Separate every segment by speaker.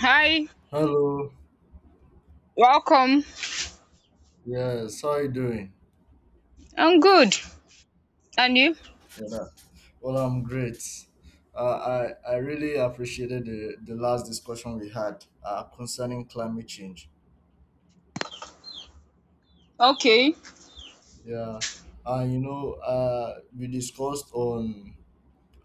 Speaker 1: Hi,
Speaker 2: Hello.
Speaker 1: welcome.
Speaker 2: Yes. How are you doing?
Speaker 1: I'm good. And you?
Speaker 2: Yeah. Well, I'm great. I really appreciated the last discussion we had, concerning climate change.
Speaker 1: Okay.
Speaker 2: Yeah. We discussed on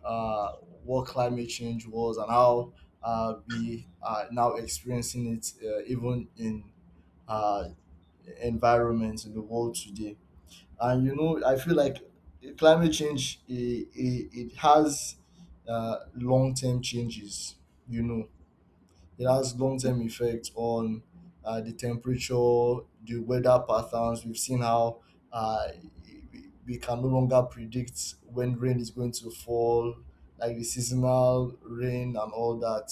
Speaker 2: uh, what climate change was and how, we are now experiencing it, even in uh, environments in the world today. And I feel like climate change it has long-term changes, you know it has long-term effects on the temperature, the weather patterns. We've seen how, uh, we can no longer predict when rain is going to fall, like the seasonal rain and all that,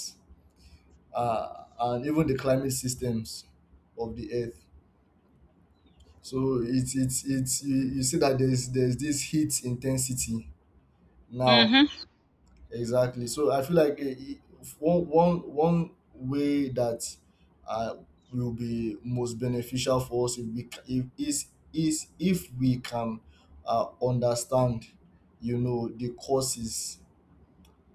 Speaker 2: and even the climate systems of the earth. So it's you see that there's this heat intensity now.
Speaker 1: Mm-hmm.
Speaker 2: Exactly. So I feel like one way that uh, will be most beneficial for us, if we ca- if is is if we can understand, the causes,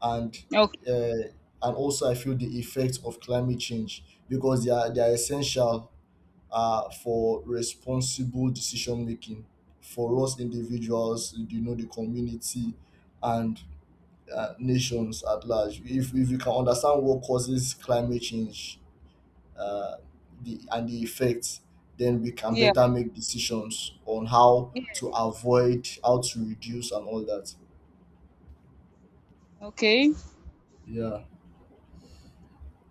Speaker 2: and
Speaker 1: Okay.
Speaker 2: uh, and also I feel the effects of climate change, because they are essential for responsible decision making, for us individuals, you know, the community, and nations at large. If you can understand what causes climate change, uh, and the effects, then we can
Speaker 1: Yeah.
Speaker 2: better make decisions on how
Speaker 1: Yeah.
Speaker 2: to avoid, how to reduce, and all that.
Speaker 1: Okay.
Speaker 2: Yeah.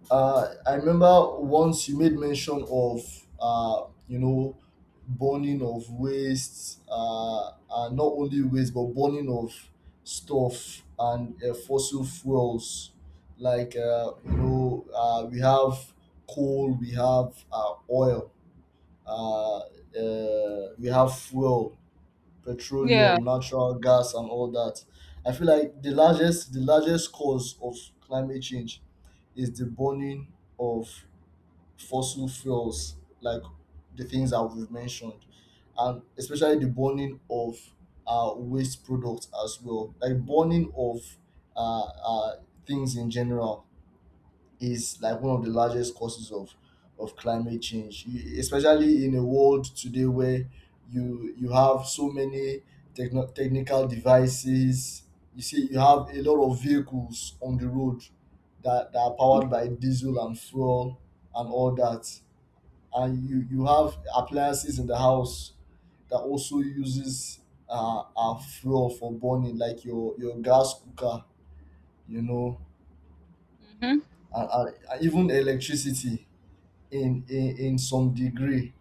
Speaker 2: I remember once you made mention of, burning of waste, and not only waste but burning of stuff and, fossil fuels. Like, we have coal, we have oil, we have fuel,
Speaker 1: Yeah.
Speaker 2: petroleum, natural gas, and all that. I feel like the largest cause of climate change is the burning of fossil fuels, like the things that we've mentioned, and especially the burning of waste products as well, like burning of uh, uh, things in general, is like one of the largest causes of climate change, you, especially in a world today where you have so many technical devices. You see, you have a lot of vehicles on the road that are powered by diesel and fuel and all that. And you have appliances in the house that also uses our fuel for burning, like your gas cooker you know
Speaker 1: Mm-hmm.
Speaker 2: and even electricity in some degree,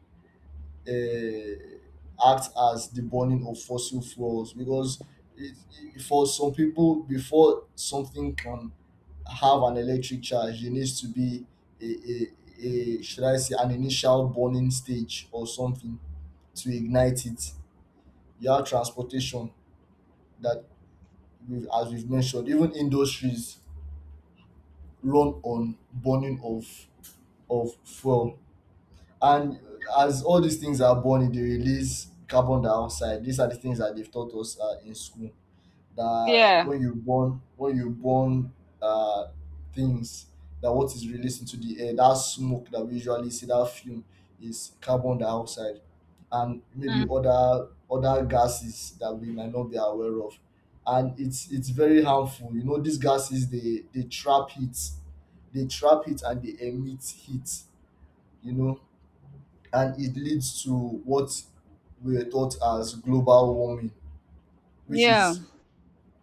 Speaker 2: act as the burning of fossil fuels, because it, for some people, before something can have an electric charge, it needs to be a, a, a, should I say, an initial burning stage or something to ignite it. You have transportation that we've mentioned. Even industries run on burning of fuel. And as all these things are born, they release carbon dioxide. These are the things that they've taught us, in school. That
Speaker 1: Yeah.
Speaker 2: when you burn, uh, things, that what is released into the air, that smoke that we usually see, that fume, is carbon dioxide, and maybe
Speaker 1: Mm.
Speaker 2: other gases that we might not be aware of. And it's very harmful. You know, these gases, they trap heat, they trap heat and they emit heat. You know, and it leads to what we are taught as global warming. which
Speaker 1: Yeah.
Speaker 2: is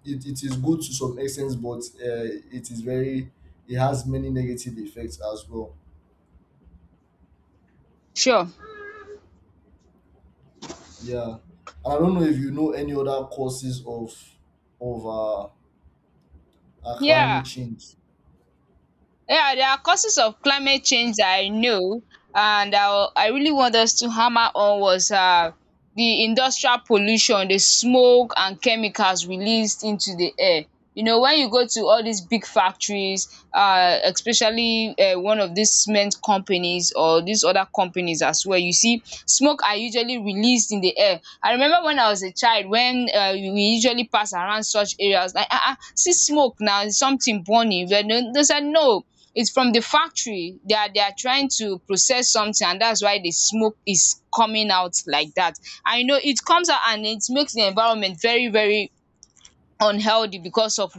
Speaker 2: it, it is good to some extent, but it is very it has many negative effects as well.
Speaker 1: Sure.
Speaker 2: Yeah, and I don't know if you know any other causes of of uh, climate
Speaker 1: Yeah.
Speaker 2: change.
Speaker 1: Yeah, there are causes of climate change that I know, and I really want us to hammer on was the industrial pollution, the smoke and chemicals released into the air. You know, when you go to all these big factories, especially one of these cement companies or these other companies as well, you see smoke are usually released in the air. I remember when I was a child, when we usually pass around such areas, like, see smoke now, it's something burning. But no- They said, no, it's from the factory. They are trying to process something, and that's why the smoke is coming out like that. I know it comes out, and it makes the environment very, very unhealthy because of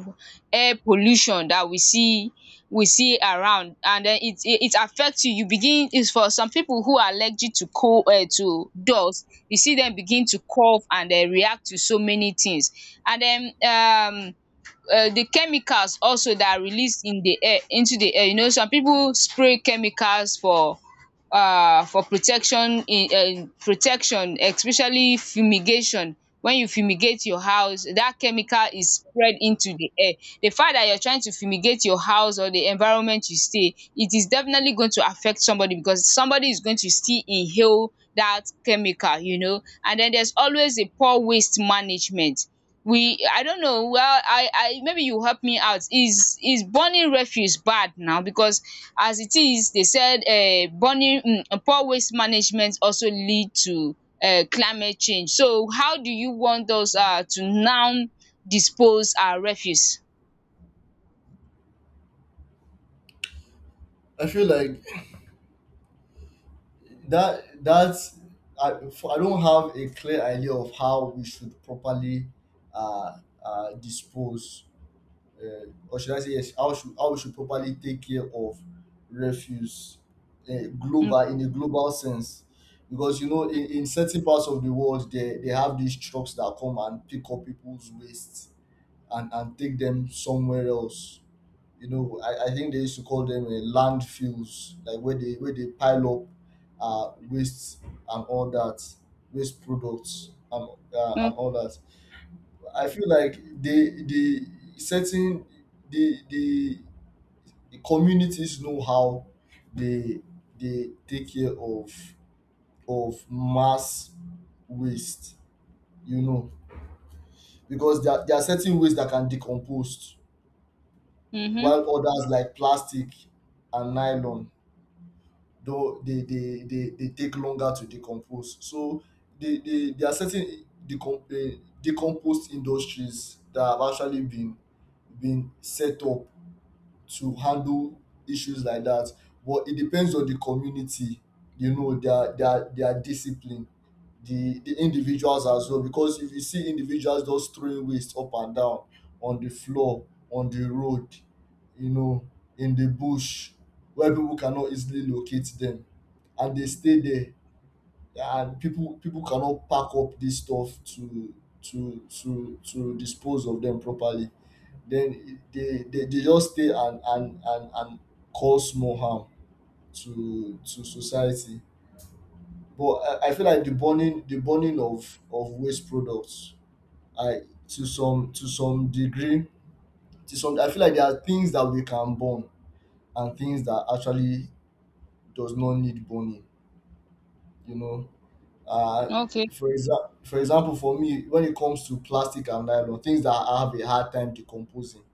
Speaker 1: air pollution that we see around. And then it affects you. You begin, is for some people who are allergic to cold, to dust, you see them begin to cough and react to so many things. And then, um the chemicals also that are released in the air, into the air, you know, some people spray chemicals for, for protection in, protection, especially fumigation. When you fumigate your house, that chemical is spread into the air. The fact that you're trying to fumigate your house or the environment you stay, it is definitely going to affect somebody, because somebody is going to still inhale that chemical. And then there's always a poor waste management. We I don't know, well, I maybe you help me out, is burning refuse bad now? Because as it is, they said, burning, poor waste management, also lead to climate change. So how do you want us to now dispose our refuse?
Speaker 2: I feel like that that's I, f- I don't have a clear idea of how we should properly uh, dispose, or should I say, yes, how we should properly take care of refuse,
Speaker 1: um
Speaker 2: global in a global sense. Because, in certain parts of the world, they have these trucks that come and pick up people's waste, and take them somewhere else. You know, I think they used to call them landfills, like where they pile up waste and all that, waste products and
Speaker 1: um
Speaker 2: all that. I feel like the the certain the the the communities know how they they take care of mass waste, you know, because there are certain waste that can decompose,
Speaker 1: mhm.
Speaker 2: while others, like plastic and nylon, though they take longer to decompose. So there are certain decomposed industries that have actually been set up to handle issues like that. But it depends on the community, you know, their discipline, the individuals as well. Because if you see individuals just throwing waste up and down on the floor, on the road, you know, in the bush, where people cannot easily locate them, and they stay there, and people cannot pack up this stuff to dispose of them properly. Then they just stay, and cause more harm to society. But I feel like the burning of waste products, I to some degree to some I feel like there are things that we can burn and things that actually does not need burning, you know. Uh,
Speaker 1: Okay.
Speaker 2: for example, for me, when it comes to plastic and nylon, things that I have a hard time decomposing,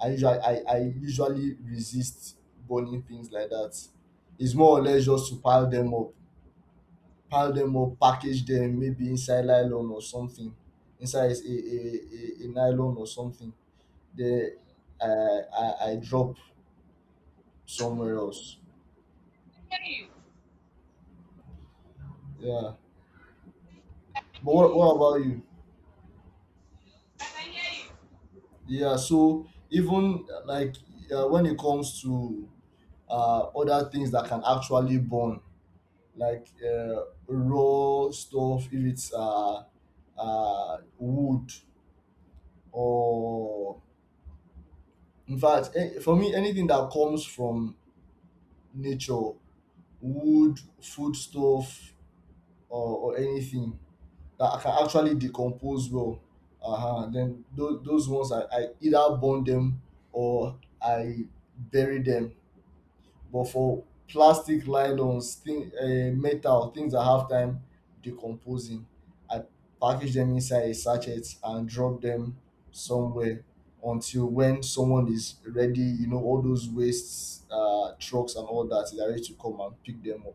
Speaker 2: I usually resist burning things like that. It's more or less just to pile them up, package them maybe inside nylon or something, inside a nylon or something. Then I drop somewhere else. Yeah. But what about you? Yeah. So even, like, when it comes to other things that can actually burn, like, raw stuff, if it's wood, or, in fact, for me, anything that comes from nature, wood, food stuff, or anything that I can actually decompose well. Uh-huh. Then those ones, I either burn them or I bury them. But for plastic, nylons thing, metal, things that have time decomposing, I package them inside a sachet and drop them somewhere, until when someone is ready, you know, all those waste trucks and all that is ready to come and pick them up.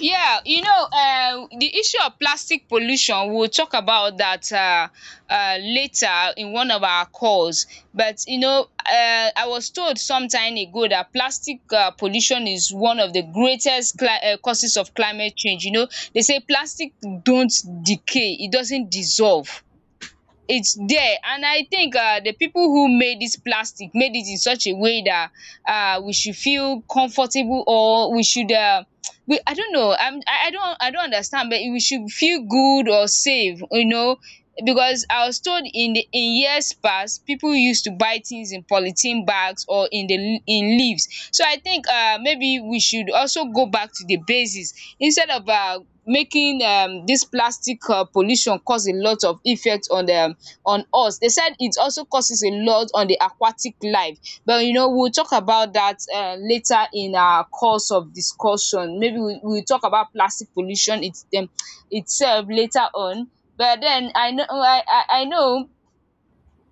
Speaker 1: Yeah, you know, the issue of plastic pollution, we'll talk about that later in one of our calls. But, you know, I was told some time ago that plastic pollution is one of the greatest causes of climate change. You know, they say plastic don't decay, it doesn't dissolve, it's there. And I think, the people who made this plastic made it in such a way that, we should feel comfortable, or we should, we I don't know, I don't understand, but we should feel good or safe, you know. Because I was told in the, in years past, people used to buy things in polythene bags or in the, in leaves. So I think, maybe we should also go back to the basis, instead of making this plastic pollution cause a lot of effect on them, on us. They said it also causes a lot on the aquatic life. But you know, we'll talk about that later, in our course of discussion. Maybe we'll talk about plastic pollution, itself, later on. But then, I know,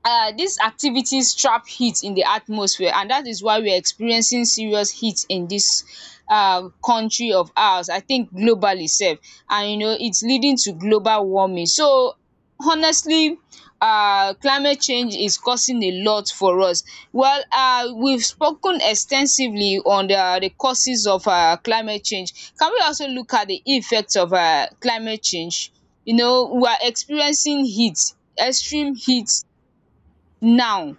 Speaker 1: these activities trap heat in the atmosphere, and that is why we are experiencing serious heat in this, country of ours, I think globally sef. And you know, its leading to global warming. So honestly, climate change is causing a lot for us. Well, we've spoken extensively on, the causes of, climate change. Can we also look at the effects of, climate change? You know, we are experiencing heat, extreme heat, now.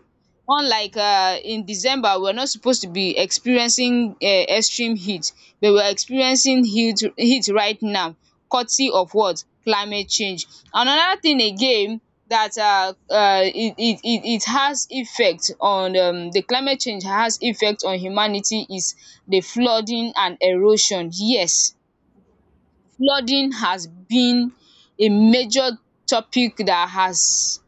Speaker 1: Unlike, in December, we're not supposed to be experiencing, extreme heat, but we're experiencing heat right now, courtesy of what? Climate change. Another thing again, that, it has effect on, the climate change has effect on humanity, is the flooding and erosion, yes. Flooding has been a major topic that has,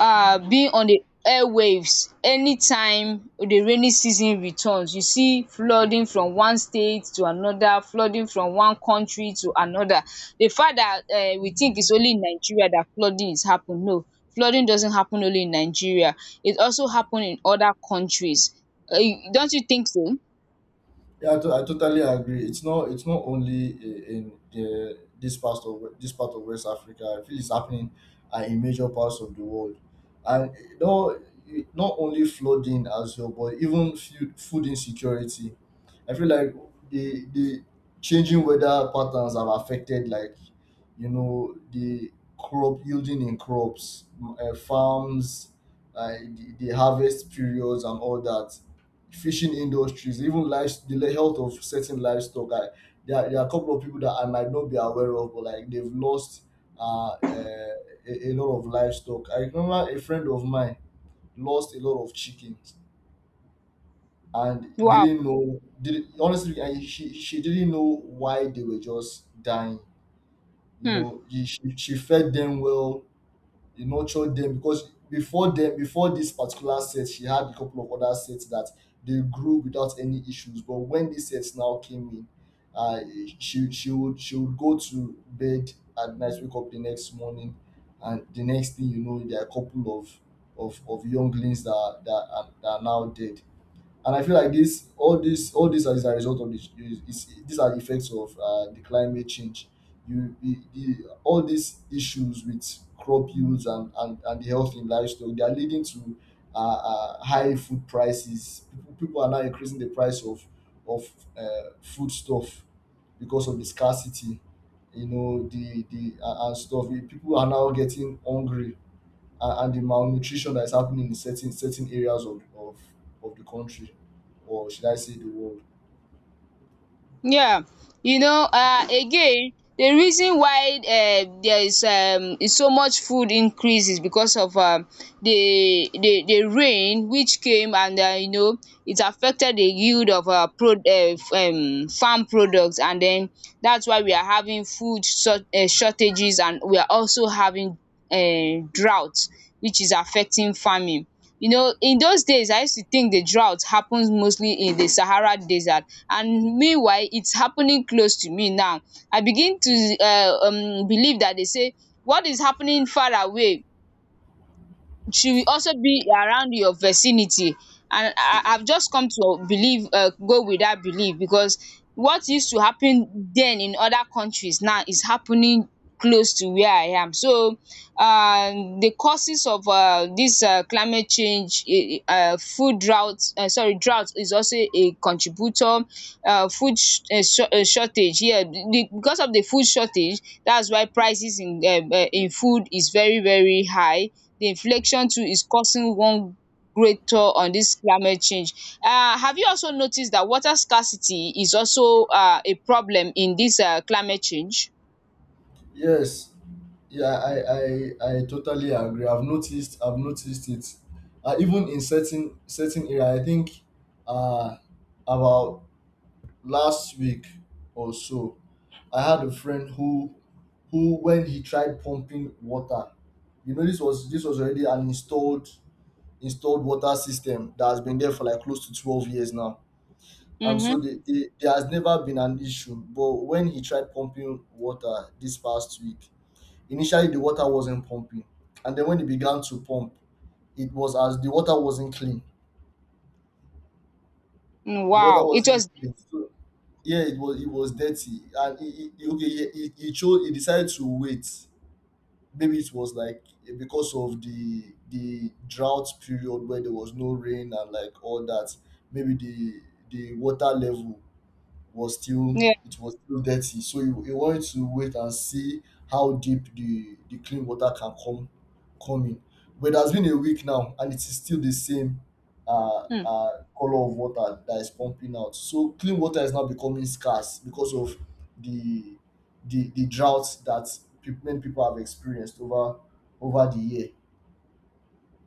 Speaker 1: being on the airwaves anytime the rainy season returns. You see flooding from one state to another, flooding from one country to another. The fact that, we think it's only in Nigeria that flooding is happen, no. Flooding doesn't happen only in Nigeria. It also happen in other countries. um Don't you think so?
Speaker 2: Yeah, I totally agree. It's not only, in the this part of, this part of West Africa. I feel it's happening, in major parts of the world, and, you know, not only flooding as well, but even food insecurity. I feel like the changing weather patterns have affected, like, you know, the crop yielding in crops, farms, like the harvest periods and all that. Fishing industries, even life, the health of certain livestock. There are a couple of people that I might not be aware of, but, like, they've lost uh, uh, a lot of livestock. I remember a friend of mine lost a lot of chickens and
Speaker 1: Wow!
Speaker 2: didn't know, did honestly, and she didn't know why they were just dying. You
Speaker 1: Hmm.
Speaker 2: know, she fed them well, he nurtured them, because before them, before this particular set, she had a couple of other sets that they grew without any issues. But when this set now came in, uh, she would go to bed at night, wake up the next morning, and the next thing you know, there are a couple of of younglings that are now dead. And I feel like this, all this, all this is a result of this. These are the effects of the climate change. You, the, the, all these issues with crop yields and, the health in livestock, they are leading to high food prices. People are now increasing the price of of uh, foodstuff because of the scarcity, you know, the and stuff. People are now getting hungry, and the malnutrition that is happening in certain areas of, of the country, or should I say the world.
Speaker 1: Yeah, you know, again, the reason why, there is so much food increase is because of, the rain which came, and, you know, it affected the yield of our pro farm products. And then that's why we are having food shortages, and we are also having, drought, which is affecting farming. You know, in those days I used to think the drought happens mostly in the Sahara Desert, and meanwhile its happening close to me now. I begin to, believe that, they say, what is happening far away, she will also be around your vicinity. And I've just come to believe, go with that belief, because what used to happen then in other countries now is happening close to where I am. So, the causes of, dis, climate change, food drought, sorry, drought is also a contributor, food, shortage, yeah, because of the food shortage, that's why prices in, in food is very, very high. The inflation too is causing one great toll on this climate change. Have you also noticed that water scarcity is also, a problem in this, climate change?
Speaker 2: Yes, yeah, I totally agree. I've noticed it even in certain area. I think, uh about last week or so, I had a friend who when he tried pumping water, you know, this was already an installed water system that has been there for like close to 12 years now. And so,
Speaker 1: Mm-hmm.
Speaker 2: there has never been an issue. But when he tried pumping water this past week, initially the water wasn't pumping, and then when he began to pump, it was as the water wasn't clean.
Speaker 1: Mm,
Speaker 2: The water
Speaker 1: wow. It
Speaker 2: wasn't
Speaker 1: was.
Speaker 2: clean. So, yeah, it was dirty, and okay, he decided to wait. Maybe it was like because of the drought period where there was no rain and like all that. Maybe the water level was still
Speaker 1: Yeah.
Speaker 2: it was still dirty. So you wanted to wait and see how deep the clean water can come in. But it has been a week now and it is still the same
Speaker 1: Mm.
Speaker 2: color of water that is pumping out. So clean water is now becoming scarce because of the the drought that many people have experienced over the year.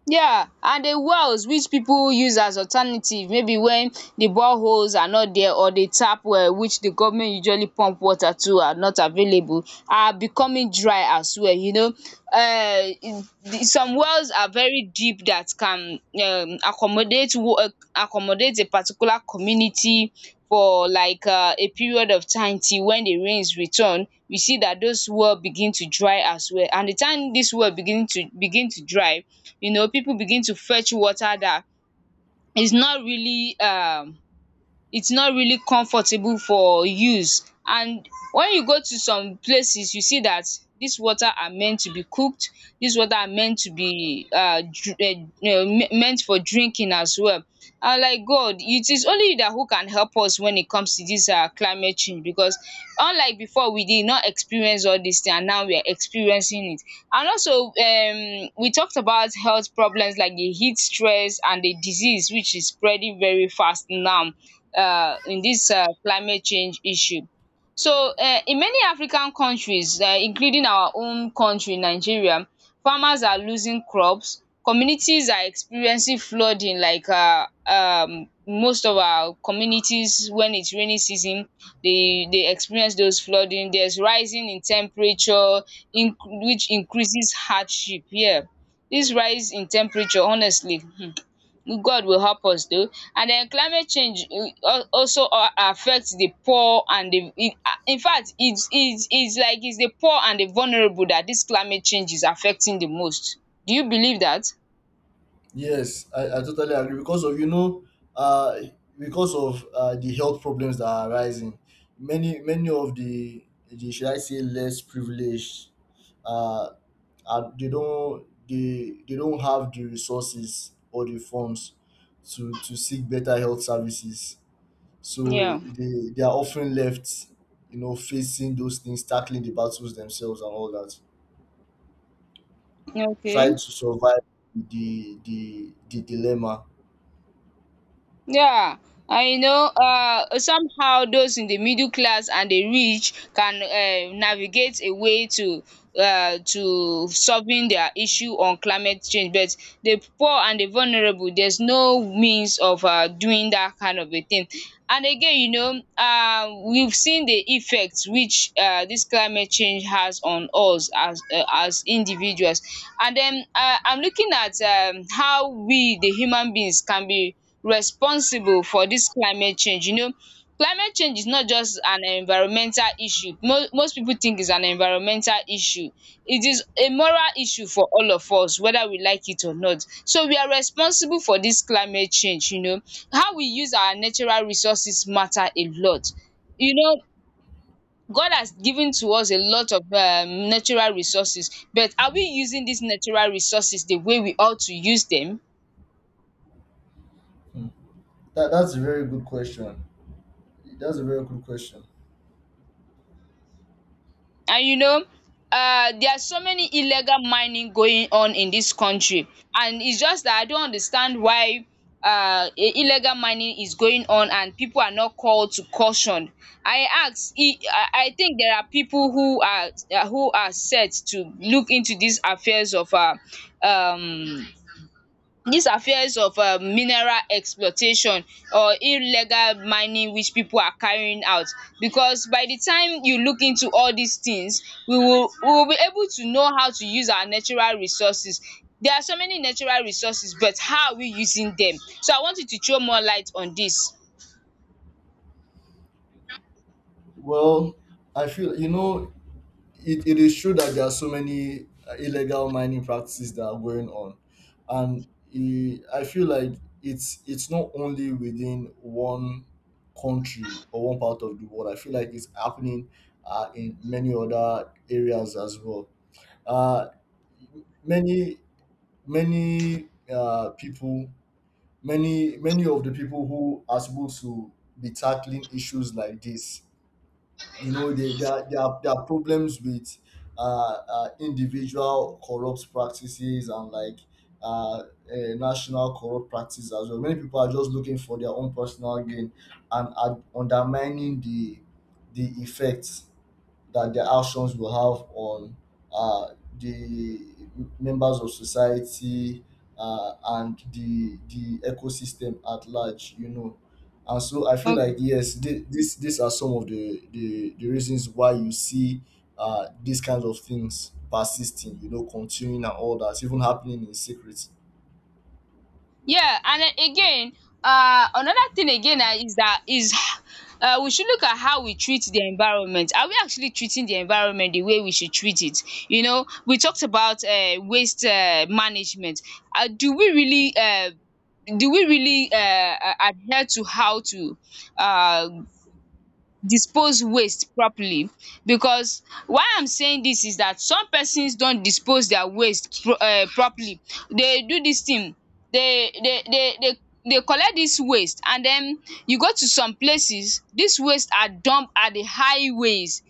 Speaker 1: Yeah, and the wells which people use as alternative, maybe when the boreholes are not there, or the tap well which the government usually pump water to are not available, are becoming dry as well, you know. um Some wells are very deep that can, accommodate a particular community for like, a period of time till when the rains return. We see that those well begin to dry as well, and the time this well begin to dry, you know, people begin to fetch water that is not really, it's not really comfortable for use. And when you go to some places, you see that this water are meant to be cooked, this water are meant to be, meant for drinking as well. And like, God, it is only you that, who can help us when it comes to this, climate change, because unlike before, we did not experience all this thing, and now we are experiencing it. And also, we talked about health problems like the heat stress and the disease, which is spreading very fast now, in this, climate change issue. So, in many African countries, including our own country Nigeria, farmers are losing crops, communities are experiencing flooding, like most of our communities, when its rainy season, they experience those flooding. There's rising in temperature in, which increases hardship, yeah. This rise in temperature, honestly, God will help us do. And then climate change, also affect the poor and the, in fact, it's like it's the poor and the vulnerable that dis climate change is affecting the most. Do you believe that?
Speaker 2: Yes, I totally agree because of uh, because of the health problems that are arising, many of the, should I say, less privileged, uh, are, they don't have the resources or the funds to seek better health services, so
Speaker 1: Yeah.
Speaker 2: they are often left, you know, facing those things, tackling the battles themselves and all that, trying
Speaker 1: Okay.
Speaker 2: to survive the dilemma.
Speaker 1: Yeah, I know, somehow those in the middle class and the rich can, navigate a way to, to solving their issue on climate change. But the poor and the vulnerable, there's no means of, doing that kind of a thing. And again, you know, we've seen the effects which, this climate change has on us as, as individuals. And then, I'm looking at, how we, the human beings, can be responsible for dis climate change. You know, climate change is not just an environmental issue. Mo Most pipu think it's an environmental issue. It is a moral issue for all of us, whether we like it or not. So, we are responsible for dis climate change, you know. How we use our natural resources matter a lot. You know, God has given to us a lot of, natural resources, but are we using dis natural resources the way we ought to use dem?
Speaker 2: Hmm. That's a very good question. That's a very good question.
Speaker 1: And you know, there are so many illegal mining going on in this country. And it's just that I don't understand why, illegal mining is going on and people are not called to caution. I ask, I think there are people who are set to look into these affairs of um, These are fears of mineral exploitation or illegal mining which people are carrying out, because by the time you look into all these things we will be able to know how to use our natural resources. There are so many natural resources, but how are we using them? So I want you to throw more light on this.
Speaker 2: Well, I feel, you know, it is true that there are so many illegal mining practices that are going on, and I feel like it's not only within one country or one part of the world. I feel like it's happening in many other areas as well. Uh, many many uh, people many of the people who are supposed to be tackling issues like this, you know, they there are there are there are problems with individual corrupt practices, and like uh, uh national corrupt practices as well. Many people are just looking for their own personal gain and are undermining the effects that their actions will have on uh, the members of society, and the ecosystem at large, you know. And so I feel like, yes, thi- this these are some of the reasons why you see these kinds of things persisting, you know, continuing and all that, even happening in secret.
Speaker 1: Yeah, and then again, another thing again is that is we should look at how we treat the environment. Are we actually treating the environment the way we should treat it? You know, we talked about waste management. Uh, do we really uh, do we really adhere to how to uh, dispose waste properly, because why I'm saying dis is dat some persons don dispose their waste properly. They do dis thing, they they collect dis waste and den you go to some places dis waste are dump at the highways,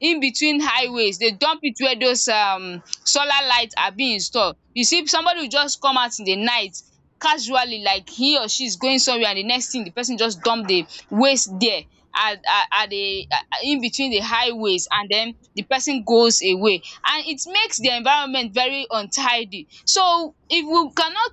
Speaker 1: in between highways dey dump it where those solar light are being installed. You see somebody will just come out in the night casually like he or she is going somewhere, and the next thing, the person just dump the waste there at at the in between the highways, and den the person goes away and it makes the environment very untidy. So if we cannot,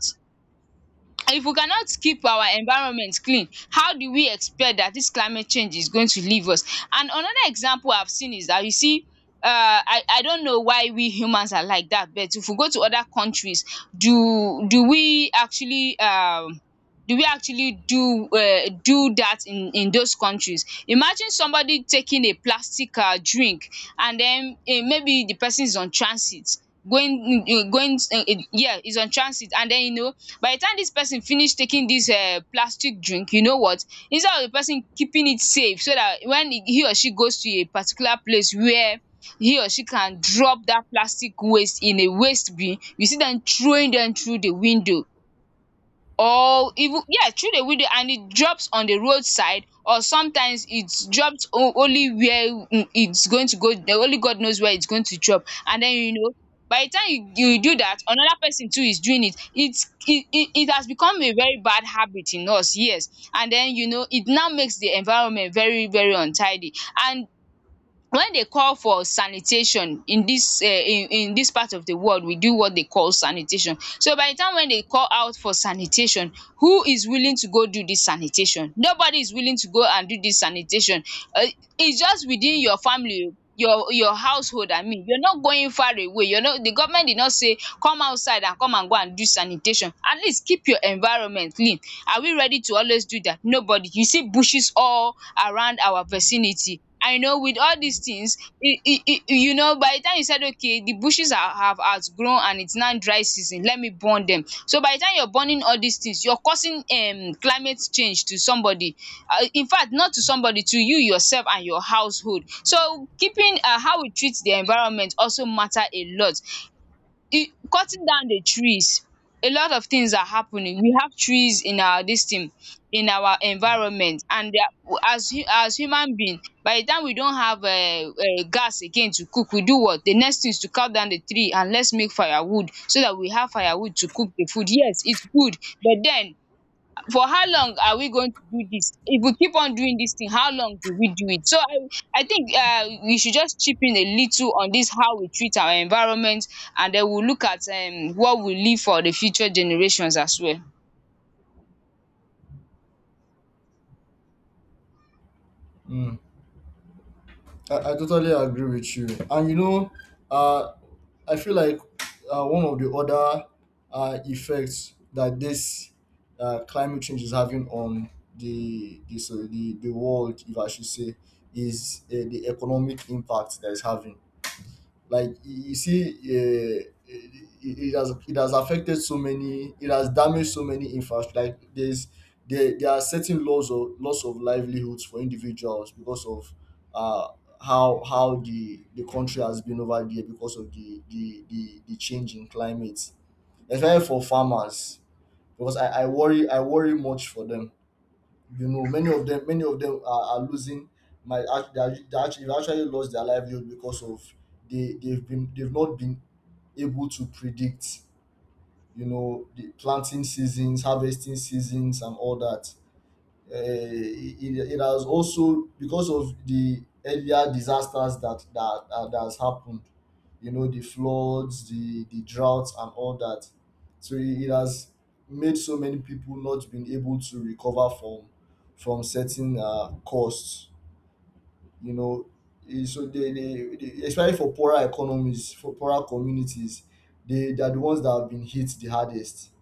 Speaker 1: if we cannot keep our environment clean, how do we expect that this climate change is going to leave us? And another example I've seen is that you see um I don't know why we humans are like that, but if we go to other countries, do do we actually um do we actually do do that in those countries. Imagine somebody taking a plastic drink and then maybe the person is on transit, going going yeah, is on transit, and then you know, by the time this person finish taking this plastic drink, you know what, instead of the person keeping it safe so that when he or she goes to a particular place where he or she can drop that plastic waste in a waste bin, you see them throwing them through the window, or even, yes, through the window, and it drops on the roadside, or sometimes it's dropped only where it's going to go. The only God knows where it's going to drop. And then, you know, by the time you do that, another person too is doing it. It's it it it has become a very bad habit in us, yes. And then, you know, it now makes the environment very, very untidy. And wen dey call for sanitation in dis part of the world, we do what dey call sanitation. So by the time wen dey call out for sanitation, who is willing to go do dis sanitation? Nobody is willing to go and do dis sanitation. um It's just within your family, oh, your household, I mean. You're not going far away. You're not, the government did not say come outside and come and go and do sanitation. At least keep your environment clean. Are we ready to always do that? Nobody. You see bushes all around our vicinity. I know with all these things you know, by the time you said, okay, the bushes are, have outgrown and it's now dry season, let me burn them. So by the time you're burning all these things, you're causing climate change to somebody, in fact, not to somebody, to you yourself and your household. So keeping, how we treat the environment also matter a lot. E cutting down the trees, a lot of things are happening. We have trees in our this thing, in our environment, and they are, as as human being, by the time we don't have gas again to cook, we do what, the next thing is to cut down the tree, and let's make firewood so that we have firewood to cook the food. Yes, it's good, but then, for how long are we going to do this? If we keep on doing this thing, how long do we do it? So I think we should just chip in a little on this, how we treat our environment, and then we'll look at what we leave for the future generations as well.
Speaker 2: Mm. I totally agree with you. And you know, uh, I feel like one of the other effects that this climate change is having on the the world, if I should say, is the economic impact that it's having. Like, you see it has affected so many, it has damaged so many infrastructure. Like, there are certain laws of loss of livelihoods for individuals because of uh how the country has been over there because of the change in climate, especially for farmers, because I worry much for them. You know, many of them are losing. My act- they are- they actually they actually lost their livelihood because of, they've not been able to predict, you know, the planting seasons, harvesting seasons and all that. It has also, because of the earlier disasters that that has happened, you know, the floods, the droughts and all that. So it has made so many people not been able to recover from certain costs, you know. So they, especially for poorer economies, for poorer communities, they are the ones that have been hit the hardest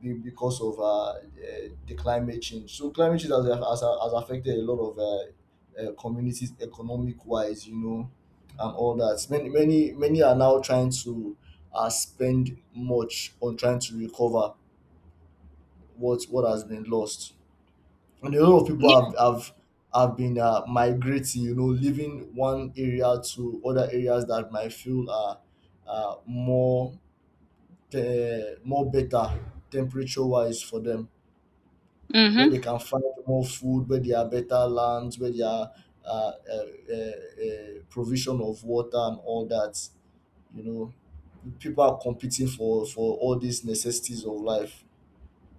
Speaker 2: because of the climate change. So climate change has affected a lot of communities economic wise, you know, and all that. Many many are now trying to spend much on trying to recover what has been lost, and a lot of people
Speaker 1: Yeah.
Speaker 2: have have been migrating, you know, leaving one area to other areas that might feel more more better temperature wise for them, where
Speaker 1: Mm-hmm.
Speaker 2: they can find more food, where there are better lands, where there are uh, uh, provision of water and all that. You know, people are competing for all these necessities of life.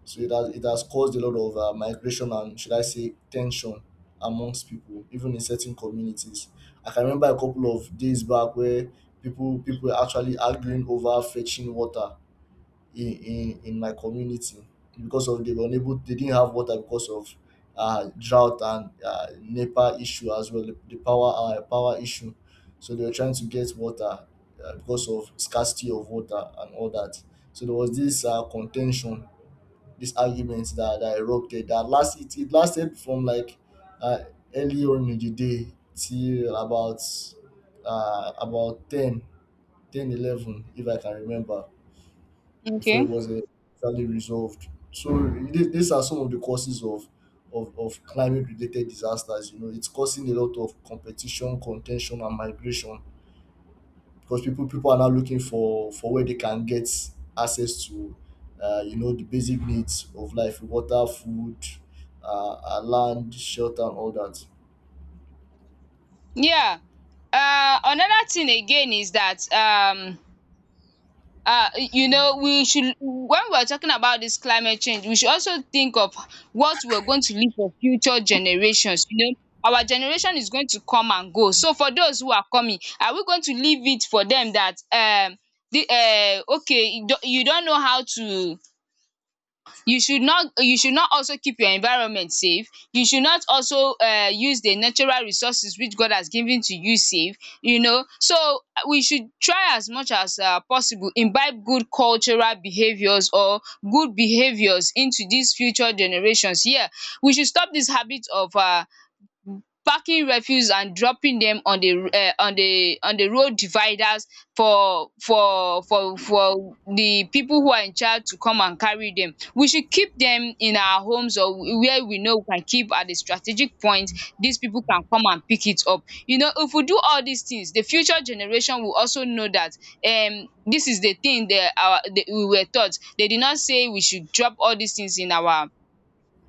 Speaker 2: So it has caused a lot of migration and, should I say, tension amongst people, even in certain communities. I can remember a couple of days back where people were actually arguing over fetching water in my community because of, they were unable, they didn't have water because of drought and NEPA issue as well, the power power issue. So they were trying to get water, because of scarcity of water and all that. So there was this contention, this argument that erupted, that last it, it lasted from like uh, early on in the day till about 10, 10, 11, if I can remember, before it
Speaker 1: Okay.
Speaker 2: was exactly resolved. So these are some of the causes of of climate related disasters. You know, it's causing a lot of competition, contention, and migration, because people are now looking for where they can get access to, you know, the basic needs of life: water, food, land, shelter, and all that.
Speaker 1: Yeah. Another thing again is that you know, we should, when we're talking about this climate change, we should also think of what we're going to leave for future generations. You know, our generation is going to come and go, so for those who are coming, are we going to leave it for them that, the uh, okay, you don't, know how to, you should not, you should not also keep your environment safe. You should not also use the natural resources which God has given to you safe, you know. So we should try as much as possible, imbibe good cultural behaviours or good behaviours into these future generations. Yeah, we should stop this habit of packing refuse and dropping them on the road dividers for the people who are in charge to come and carry them. We should keep them in our homes or where we know we can keep at a strategic point, these people can come and pick it up. You know, if we do all these things, the future generation will also know that this is the thing they, our, that we were taught. They did not say we should drop all these things in our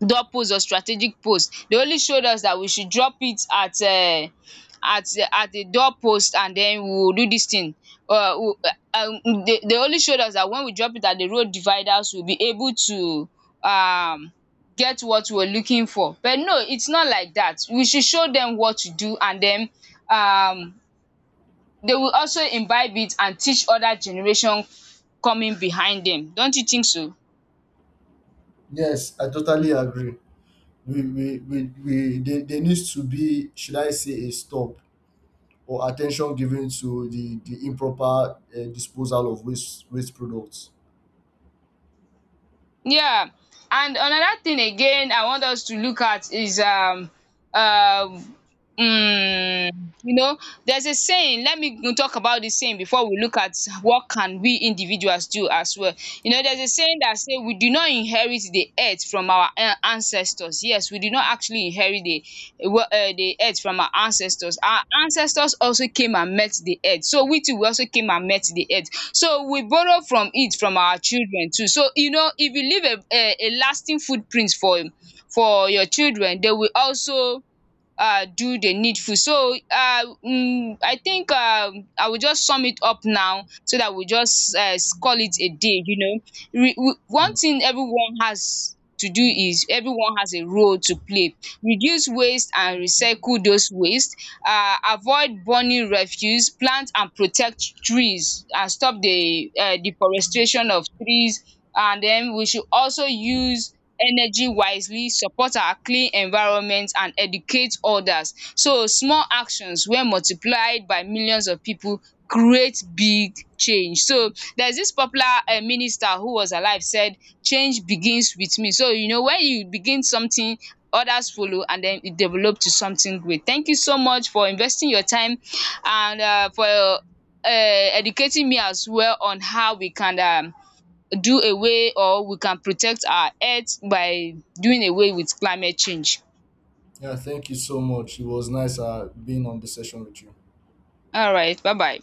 Speaker 1: dot post or strategic post. They only showed us that we should drop it at at at a door post, and then we will do this thing. Uh, we, they only showed us that when we drop it at the road dividers we will be able to um get what we were looking for. But no, it's not like that. We should show them what to do, and then um they will also imbibe it and teach other generation coming behind them. Don't you think so?
Speaker 2: Yes, I totally agree. We there, there needs to be, should I say, a stop or attention given to the improper disposal of waste products.
Speaker 1: Yeah, and another thing again I want us to look at is um mm, you know, there's a saying. Let me go talk about this saying before we look at what can we individuals do as well. You know, there's a saying that say we do not inherit the earth from our ancestors. Yes, we do not actually inherit the earth from our ancestors. Our ancestors also came and met the earth. So we too, we also came and met the earth. So we borrow from it from our children too. So you know, if you leave a lasting footprint for your children, they will also do the needful. So I think I will just sum it up now so that we just call it a day, you know. One
Speaker 2: Mm.
Speaker 1: thing everyone has to do is everyone has a role to play. Reduce waste and recycle those waste, avoid burning refuse, plant and protect trees, and stop the deforestation of trees. And then we should also use energy wisely, support our clean environment, and educate others. So small actions, when multiplied by millions of people, create big change. So there's this popular minister who was alive said, change begins with me. So you know, when you begin something, others follow, and then it develop to something great. Thank you so much for investing your time and for educating me as well on how we can do away, or we can protect our earth by doing away with climate change.
Speaker 2: Yeah, thank you so much. It was nice being on the session with you.
Speaker 1: Alright, bye bye.